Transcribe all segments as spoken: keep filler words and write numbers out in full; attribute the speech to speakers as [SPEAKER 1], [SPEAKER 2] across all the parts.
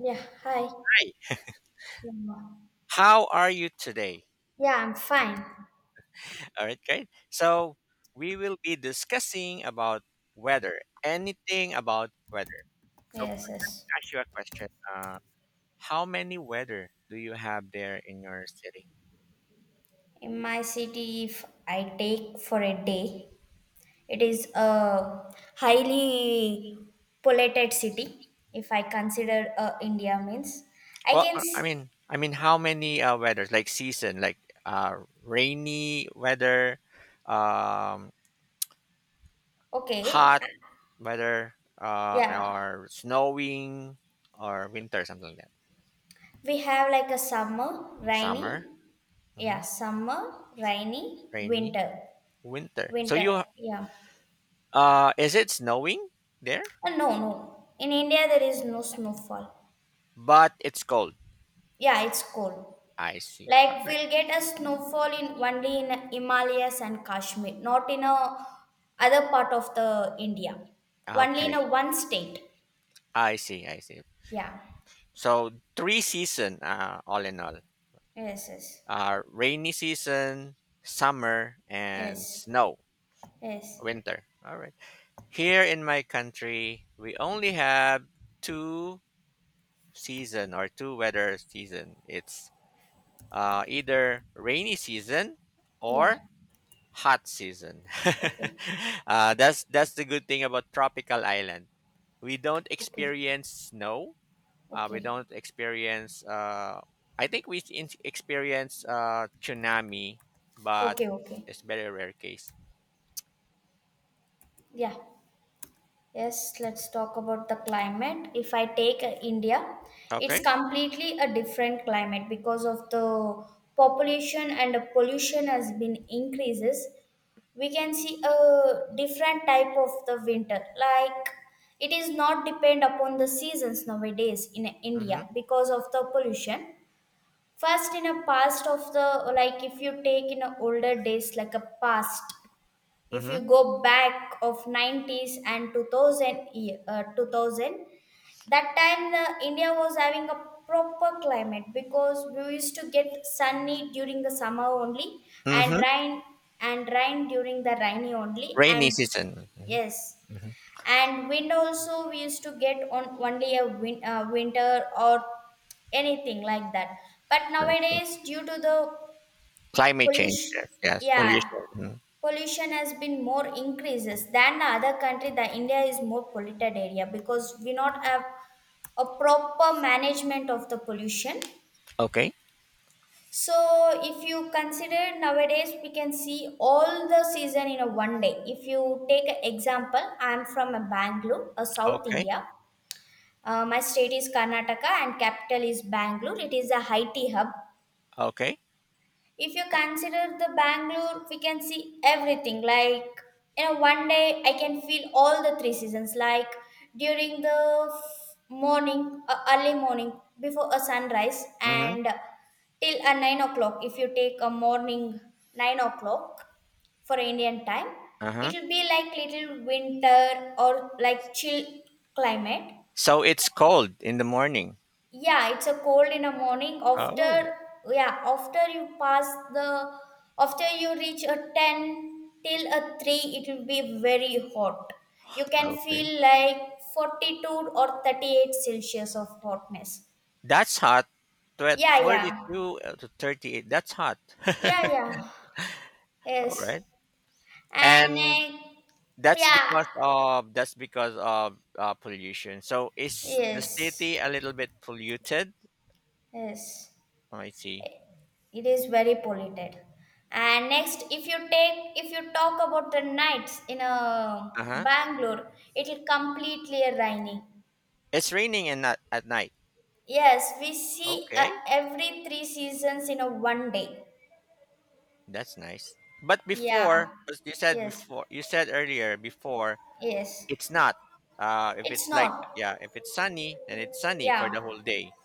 [SPEAKER 1] Yeah, hi.
[SPEAKER 2] Hi,
[SPEAKER 1] Yeah.
[SPEAKER 2] how are you today?
[SPEAKER 1] Yeah, I'm fine.
[SPEAKER 2] All right, great. So we will be discussing about weather, anything about weather. So
[SPEAKER 1] Yes,
[SPEAKER 2] I'll
[SPEAKER 1] yes.
[SPEAKER 2] ask you a question. Uh, how many weather do you have there in your city?
[SPEAKER 1] In my city, if I take for a day, it is a highly polluted city. If I consider uh, India means, I
[SPEAKER 2] Well,
[SPEAKER 1] can
[SPEAKER 2] uh,
[SPEAKER 1] s
[SPEAKER 2] I mean, I mean, how many uh, weathers, like season, like uh, rainy weather, um,
[SPEAKER 1] okay.
[SPEAKER 2] hot weather, uh,
[SPEAKER 1] Yeah,
[SPEAKER 2] or snowing, or winter, something like that.
[SPEAKER 1] we have like a summer, rainy.
[SPEAKER 2] Summer,
[SPEAKER 1] Yeah,
[SPEAKER 2] mhm,
[SPEAKER 1] summer, rainy,
[SPEAKER 2] rainy,
[SPEAKER 1] winter,
[SPEAKER 2] winter. So
[SPEAKER 1] winter.
[SPEAKER 2] you
[SPEAKER 1] Yeah.
[SPEAKER 2] Uh, is it snowing there?
[SPEAKER 1] Uh, no, no. In India, there is no snowfall.
[SPEAKER 2] But it's cold.
[SPEAKER 1] Yeah, it's cold.
[SPEAKER 2] I see. All
[SPEAKER 1] Like
[SPEAKER 2] right.
[SPEAKER 1] we'll get a snowfall in only in Himalayas and Kashmir, not in a other part of the India. Only in
[SPEAKER 2] Okay.
[SPEAKER 1] a one state.
[SPEAKER 2] I see. I see.
[SPEAKER 1] Yeah.
[SPEAKER 2] So three season, uh, all in all,
[SPEAKER 1] Yes. Yes.
[SPEAKER 2] uh, rainy season, summer, and
[SPEAKER 1] Yes.
[SPEAKER 2] snow,
[SPEAKER 1] Yes.
[SPEAKER 2] winter. All right. Here in my country, we only have two season or two weather season. It's uh, either rainy season
[SPEAKER 1] Yeah.
[SPEAKER 2] or hot season.
[SPEAKER 1] Okay.
[SPEAKER 2] uh, that's that's the good thing about tropical island, we don't
[SPEAKER 1] Okay.
[SPEAKER 2] experience snow. Uh, we
[SPEAKER 1] Okay.
[SPEAKER 2] don't experience. Uh, I think we in- experience uh, tsunami, but
[SPEAKER 1] Okay. Okay.
[SPEAKER 2] it's very rare case.
[SPEAKER 1] Yeah. Yes, let's talk about the climate. If I take uh, India, it's
[SPEAKER 2] Okay.
[SPEAKER 1] completely a different climate because of the population and the pollution has been increases. We can see a different type of the winter, like it is not depend upon the seasons nowadays in India
[SPEAKER 2] Mm-hmm.
[SPEAKER 1] because of the pollution. First in a past of the, like if you take in a older days, like a past, if
[SPEAKER 2] Mm-hmm.
[SPEAKER 1] you go back of nineties and two thousand year, uh, two thousand. That time the India was having a proper climate because we used to get sunny during the summer only, and
[SPEAKER 2] Mm-hmm.
[SPEAKER 1] rain and rain during the rainy only,
[SPEAKER 2] Rainy
[SPEAKER 1] and
[SPEAKER 2] season.
[SPEAKER 1] yes,
[SPEAKER 2] Mm-hmm. Mm-hmm.
[SPEAKER 1] and wind also we used to get on only a win, uh, winter or anything like that. But
[SPEAKER 2] I see.
[SPEAKER 1] nowadays due to the
[SPEAKER 2] Climate change.
[SPEAKER 1] pollution,
[SPEAKER 2] Yes. Yes.
[SPEAKER 1] yeah,
[SPEAKER 2] Pollution. Hmm.
[SPEAKER 1] pollution has been more increases than the other country. The India is more polluted area because we not have a proper management of the pollution.
[SPEAKER 2] Okay.
[SPEAKER 1] So if you consider, nowadays we can see all the season in a one day. If you take an example, I'm from a Bangalore, a south
[SPEAKER 2] Okay.
[SPEAKER 1] India. Uh, my state is Karnataka and capital is Bangalore. It is a IT hub.
[SPEAKER 2] Okay.
[SPEAKER 1] If you consider the Bangalore, we can see everything, like, you know one day I can feel all the three seasons, like during the f- morning, uh, early morning before a sunrise,
[SPEAKER 2] Mm-hmm.
[SPEAKER 1] and till a nine o'clock. If you take a morning, nine o'clock for Indian time,
[SPEAKER 2] Uh
[SPEAKER 1] it
[SPEAKER 2] huh.
[SPEAKER 1] will be like little winter or like chill climate.
[SPEAKER 2] So it's cold in the morning.
[SPEAKER 1] Yeah, it's a cold in the morning. After,
[SPEAKER 2] Oh.
[SPEAKER 1] yeah, after you pass the, after you reach a ten till a three, it will be very hot. You can
[SPEAKER 2] Okay.
[SPEAKER 1] feel like forty-two or thirty-eight Celsius of hotness.
[SPEAKER 2] That's hot. Twe-
[SPEAKER 1] Yeah, yeah.
[SPEAKER 2] Forty-two uh, to thirty-eight. That's hot.
[SPEAKER 1] Yeah, yeah.
[SPEAKER 2] All
[SPEAKER 1] Yes.
[SPEAKER 2] right.
[SPEAKER 1] And
[SPEAKER 2] And
[SPEAKER 1] uh,
[SPEAKER 2] that's
[SPEAKER 1] yeah.
[SPEAKER 2] because of that's because of uh, pollution. So is the city
[SPEAKER 1] Yes.
[SPEAKER 2] a little bit polluted?
[SPEAKER 1] Yes.
[SPEAKER 2] Oh, I see.
[SPEAKER 1] It is very polluted. And next, if you take, if you talk about the nights in uh,
[SPEAKER 2] Uh huh.
[SPEAKER 1] Bangalore, it is completely rainy.
[SPEAKER 2] It's raining and not at night.
[SPEAKER 1] Yes, we see uh,
[SPEAKER 2] Okay,
[SPEAKER 1] every three seasons in a one day.
[SPEAKER 2] that's nice. But
[SPEAKER 1] Yeah.
[SPEAKER 2] before, as you said
[SPEAKER 1] Yes.
[SPEAKER 2] before, you said earlier before
[SPEAKER 1] Yes.
[SPEAKER 2] it's not. Uh, if
[SPEAKER 1] It's
[SPEAKER 2] it's like,
[SPEAKER 1] not.
[SPEAKER 2] yeah, if it's sunny, then it's sunny for
[SPEAKER 1] Yeah.
[SPEAKER 2] the whole day,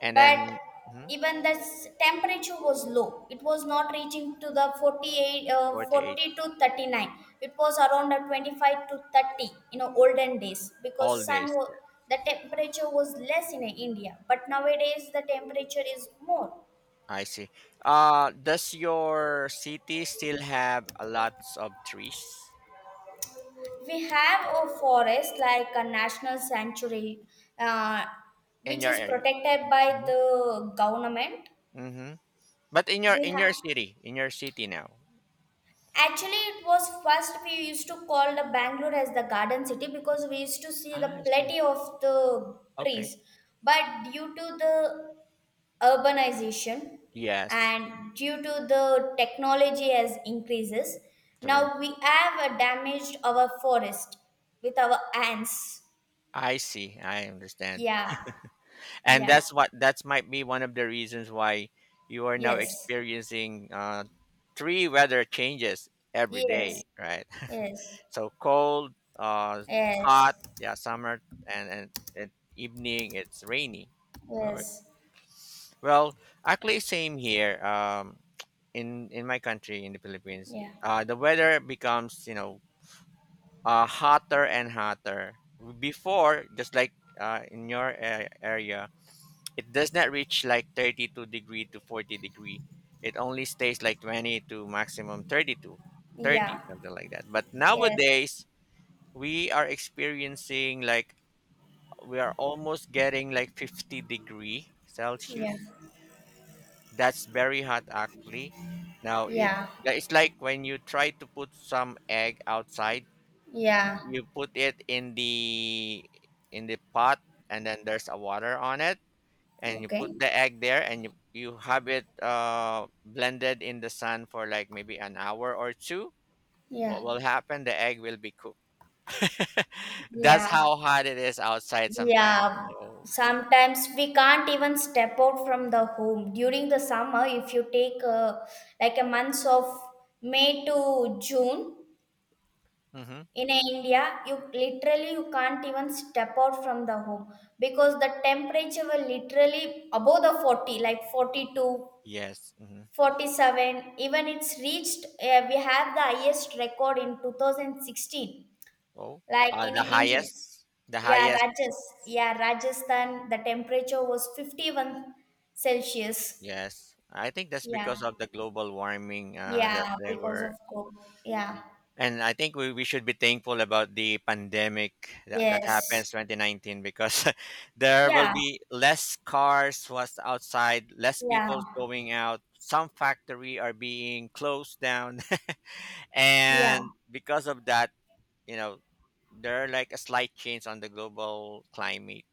[SPEAKER 2] and
[SPEAKER 1] But
[SPEAKER 2] then mhm,
[SPEAKER 1] even the s- temperature was low, it was not reaching to the forty-eight, uh,
[SPEAKER 2] forty-eight
[SPEAKER 1] forty to thirty-nine. It was around the twenty-five to thirty in the olden days because
[SPEAKER 2] all
[SPEAKER 1] sun
[SPEAKER 2] days.
[SPEAKER 1] wa-
[SPEAKER 2] Yeah,
[SPEAKER 1] the temperature was less in India. But nowadays the temperature is more.
[SPEAKER 2] I see. Uh, does your city still have a lots of trees?
[SPEAKER 1] We have a forest like a national sanctuary, uh,
[SPEAKER 2] In
[SPEAKER 1] which
[SPEAKER 2] your
[SPEAKER 1] is
[SPEAKER 2] area.
[SPEAKER 1] protected by the government.
[SPEAKER 2] Mhm. But in your
[SPEAKER 1] We
[SPEAKER 2] in
[SPEAKER 1] have
[SPEAKER 2] your city, in your city now.
[SPEAKER 1] Actually, it was first we used to call the Bangalore as the garden city because we used to see the
[SPEAKER 2] I see.
[SPEAKER 1] plenty of the
[SPEAKER 2] Okay.
[SPEAKER 1] trees. But due to the urbanization
[SPEAKER 2] Yes,
[SPEAKER 1] and due to the technology as increases,
[SPEAKER 2] true.
[SPEAKER 1] now we have uh, damaged our forest with our ants.
[SPEAKER 2] I see. I understand.
[SPEAKER 1] Yeah,
[SPEAKER 2] And
[SPEAKER 1] yeah,
[SPEAKER 2] that's what that's might be one of the reasons why you are now
[SPEAKER 1] yes,
[SPEAKER 2] experiencing uh three weather changes every
[SPEAKER 1] yes,
[SPEAKER 2] day, right?
[SPEAKER 1] yes,
[SPEAKER 2] So cold, uh hot,
[SPEAKER 1] yes,
[SPEAKER 2] yeah, summer and and, and evening it's rainy. All right.
[SPEAKER 1] yes,
[SPEAKER 2] Well, actually, same here. Um, in in my country, in the Philippines,
[SPEAKER 1] yeah,
[SPEAKER 2] uh, the weather becomes, you know, uh, hotter and hotter. Before, just like uh, in your a- area, it does not reach like thirty two degree to forty degree. It only stays like twenty to maximum thirty two,
[SPEAKER 1] yeah,
[SPEAKER 2] thirty something like that. But
[SPEAKER 1] yes,
[SPEAKER 2] nowadays, we are experiencing like we are almost getting like fifty degree
[SPEAKER 1] yeah,
[SPEAKER 2] Celsius. That's very hot actually. Now it,
[SPEAKER 1] yeah.
[SPEAKER 2] it's like when you try to put some egg outside,
[SPEAKER 1] Yeah.
[SPEAKER 2] you put it in the in the pot, and then there's a water on it, and you put
[SPEAKER 1] Okay.
[SPEAKER 2] the egg there, and you, you have it uh blended in the sun for like maybe an hour or two. What
[SPEAKER 1] Yeah.
[SPEAKER 2] will happen? The egg will be cooked. That's
[SPEAKER 1] Yeah,
[SPEAKER 2] how hot it is outside sometimes.
[SPEAKER 1] yeah.
[SPEAKER 2] So,
[SPEAKER 1] Sometimes we can't even step out from the home during the summer. If you take uh, like a months of May to June
[SPEAKER 2] hmm.
[SPEAKER 1] in India, you literally you can't even step out from the home because the temperature will literally above the forty, like forty two,
[SPEAKER 2] Yes. Hmm.
[SPEAKER 1] forty seven. Even it's reached, uh, we have the highest record in two thousand sixteen,
[SPEAKER 2] Oh,
[SPEAKER 1] like
[SPEAKER 2] uh,
[SPEAKER 1] in
[SPEAKER 2] the
[SPEAKER 1] India.
[SPEAKER 2] highest, the
[SPEAKER 1] Yeah,
[SPEAKER 2] highest.
[SPEAKER 1] Rajas. Yeah, Rajasthan, the temperature was fifty-one Celsius.
[SPEAKER 2] Yes, I think that's
[SPEAKER 1] Yeah.
[SPEAKER 2] because of the global warming, uh, that
[SPEAKER 1] Yeah,
[SPEAKER 2] they
[SPEAKER 1] because
[SPEAKER 2] were,
[SPEAKER 1] of coke. Yeah.
[SPEAKER 2] and I think we, we should be thankful about the pandemic that, that
[SPEAKER 1] Yes.
[SPEAKER 2] happens twenty nineteen because there will
[SPEAKER 1] Yeah.
[SPEAKER 2] be less cars was outside, less
[SPEAKER 1] Yeah.
[SPEAKER 2] people going out. Some factory are being closed down,
[SPEAKER 1] Yeah.
[SPEAKER 2] and because of that, you know, there are like a slight change on the global climate.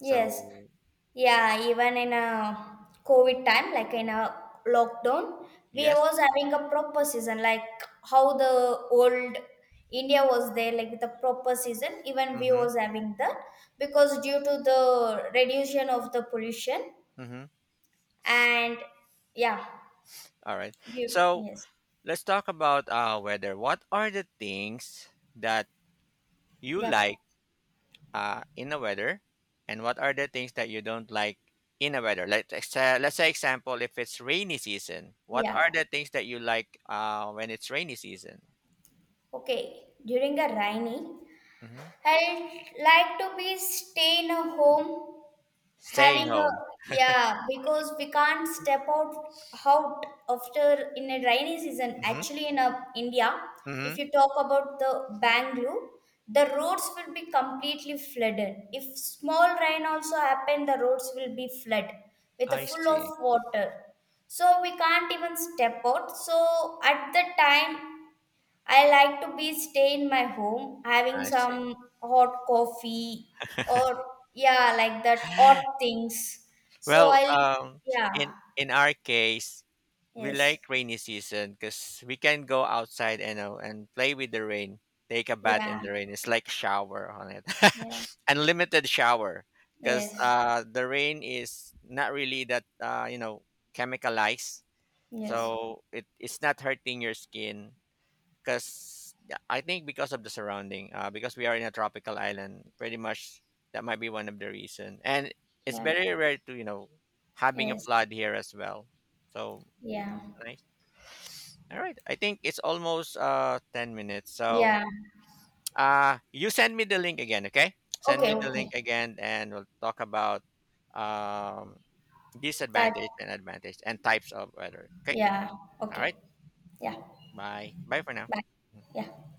[SPEAKER 1] Yes.
[SPEAKER 2] So
[SPEAKER 1] Yeah, even in a COVID time, like in a lockdown, we
[SPEAKER 2] yes,
[SPEAKER 1] was having a proper season, like how the old India was there, like with the proper season, even we
[SPEAKER 2] mm-hmm,
[SPEAKER 1] was having that because due to the reduction of the pollution.
[SPEAKER 2] mm-hmm.
[SPEAKER 1] And yeah,
[SPEAKER 2] All right.
[SPEAKER 1] du-
[SPEAKER 2] So
[SPEAKER 1] yes,
[SPEAKER 2] let's talk about uh, weather. What are the things that you
[SPEAKER 1] yeah,
[SPEAKER 2] like uh, in a weather, and what are the things that you don't like in a weather? Let's ex- uh, let's say example, if it's rainy season, what
[SPEAKER 1] yeah,
[SPEAKER 2] are the things that you like uh, when it's rainy season?
[SPEAKER 1] okay, during a rainy,
[SPEAKER 2] Hmm.
[SPEAKER 1] I like to be stay in a home,
[SPEAKER 2] Staying
[SPEAKER 1] having a,
[SPEAKER 2] home.
[SPEAKER 1] yeah, because we can't step out out after in a rainy season.
[SPEAKER 2] Hmm.
[SPEAKER 1] Actually in a, India,
[SPEAKER 2] Hmm.
[SPEAKER 1] if you talk about the Bangalore, the roads will be completely flooded. If small rain also happen, the roads will be flood with a
[SPEAKER 2] I
[SPEAKER 1] full of
[SPEAKER 2] see.
[SPEAKER 1] water. So we can't even step out. So at the time I like to be stay in my home having
[SPEAKER 2] I see.
[SPEAKER 1] some hot coffee, or yeah, like that odd things. So
[SPEAKER 2] Well,
[SPEAKER 1] I li-
[SPEAKER 2] um,
[SPEAKER 1] yeah,
[SPEAKER 2] in in our case, we
[SPEAKER 1] yes,
[SPEAKER 2] like rainy season because we can go outside and uh, and play with the rain, take a bath in
[SPEAKER 1] yeah,
[SPEAKER 2] the rain, it's like shower on it.
[SPEAKER 1] yeah,
[SPEAKER 2] Unlimited shower, because
[SPEAKER 1] yes,
[SPEAKER 2] uh the rain is not really that, uh you know, chemicalized,
[SPEAKER 1] yes,
[SPEAKER 2] so it, it's not hurting your skin, because I think because of the surrounding, uh because we are in a tropical island pretty much, that might be one of the reason. And it's
[SPEAKER 1] yeah,
[SPEAKER 2] very rare to, you know, having a
[SPEAKER 1] yes,
[SPEAKER 2] flood here as well. So
[SPEAKER 1] yeah,
[SPEAKER 2] like, all right. I think it's almost uh ten minutes. So
[SPEAKER 1] yeah.
[SPEAKER 2] uh you send me the link again, okay? Send
[SPEAKER 1] Okay,
[SPEAKER 2] me the
[SPEAKER 1] okay.
[SPEAKER 2] link again and we'll talk about um
[SPEAKER 1] That
[SPEAKER 2] disadvantage and advantage and types of weather. Okay?
[SPEAKER 1] Yeah,
[SPEAKER 2] All
[SPEAKER 1] okay.
[SPEAKER 2] right.
[SPEAKER 1] Yeah.
[SPEAKER 2] Bye. Bye for now.
[SPEAKER 1] Bye. Yeah.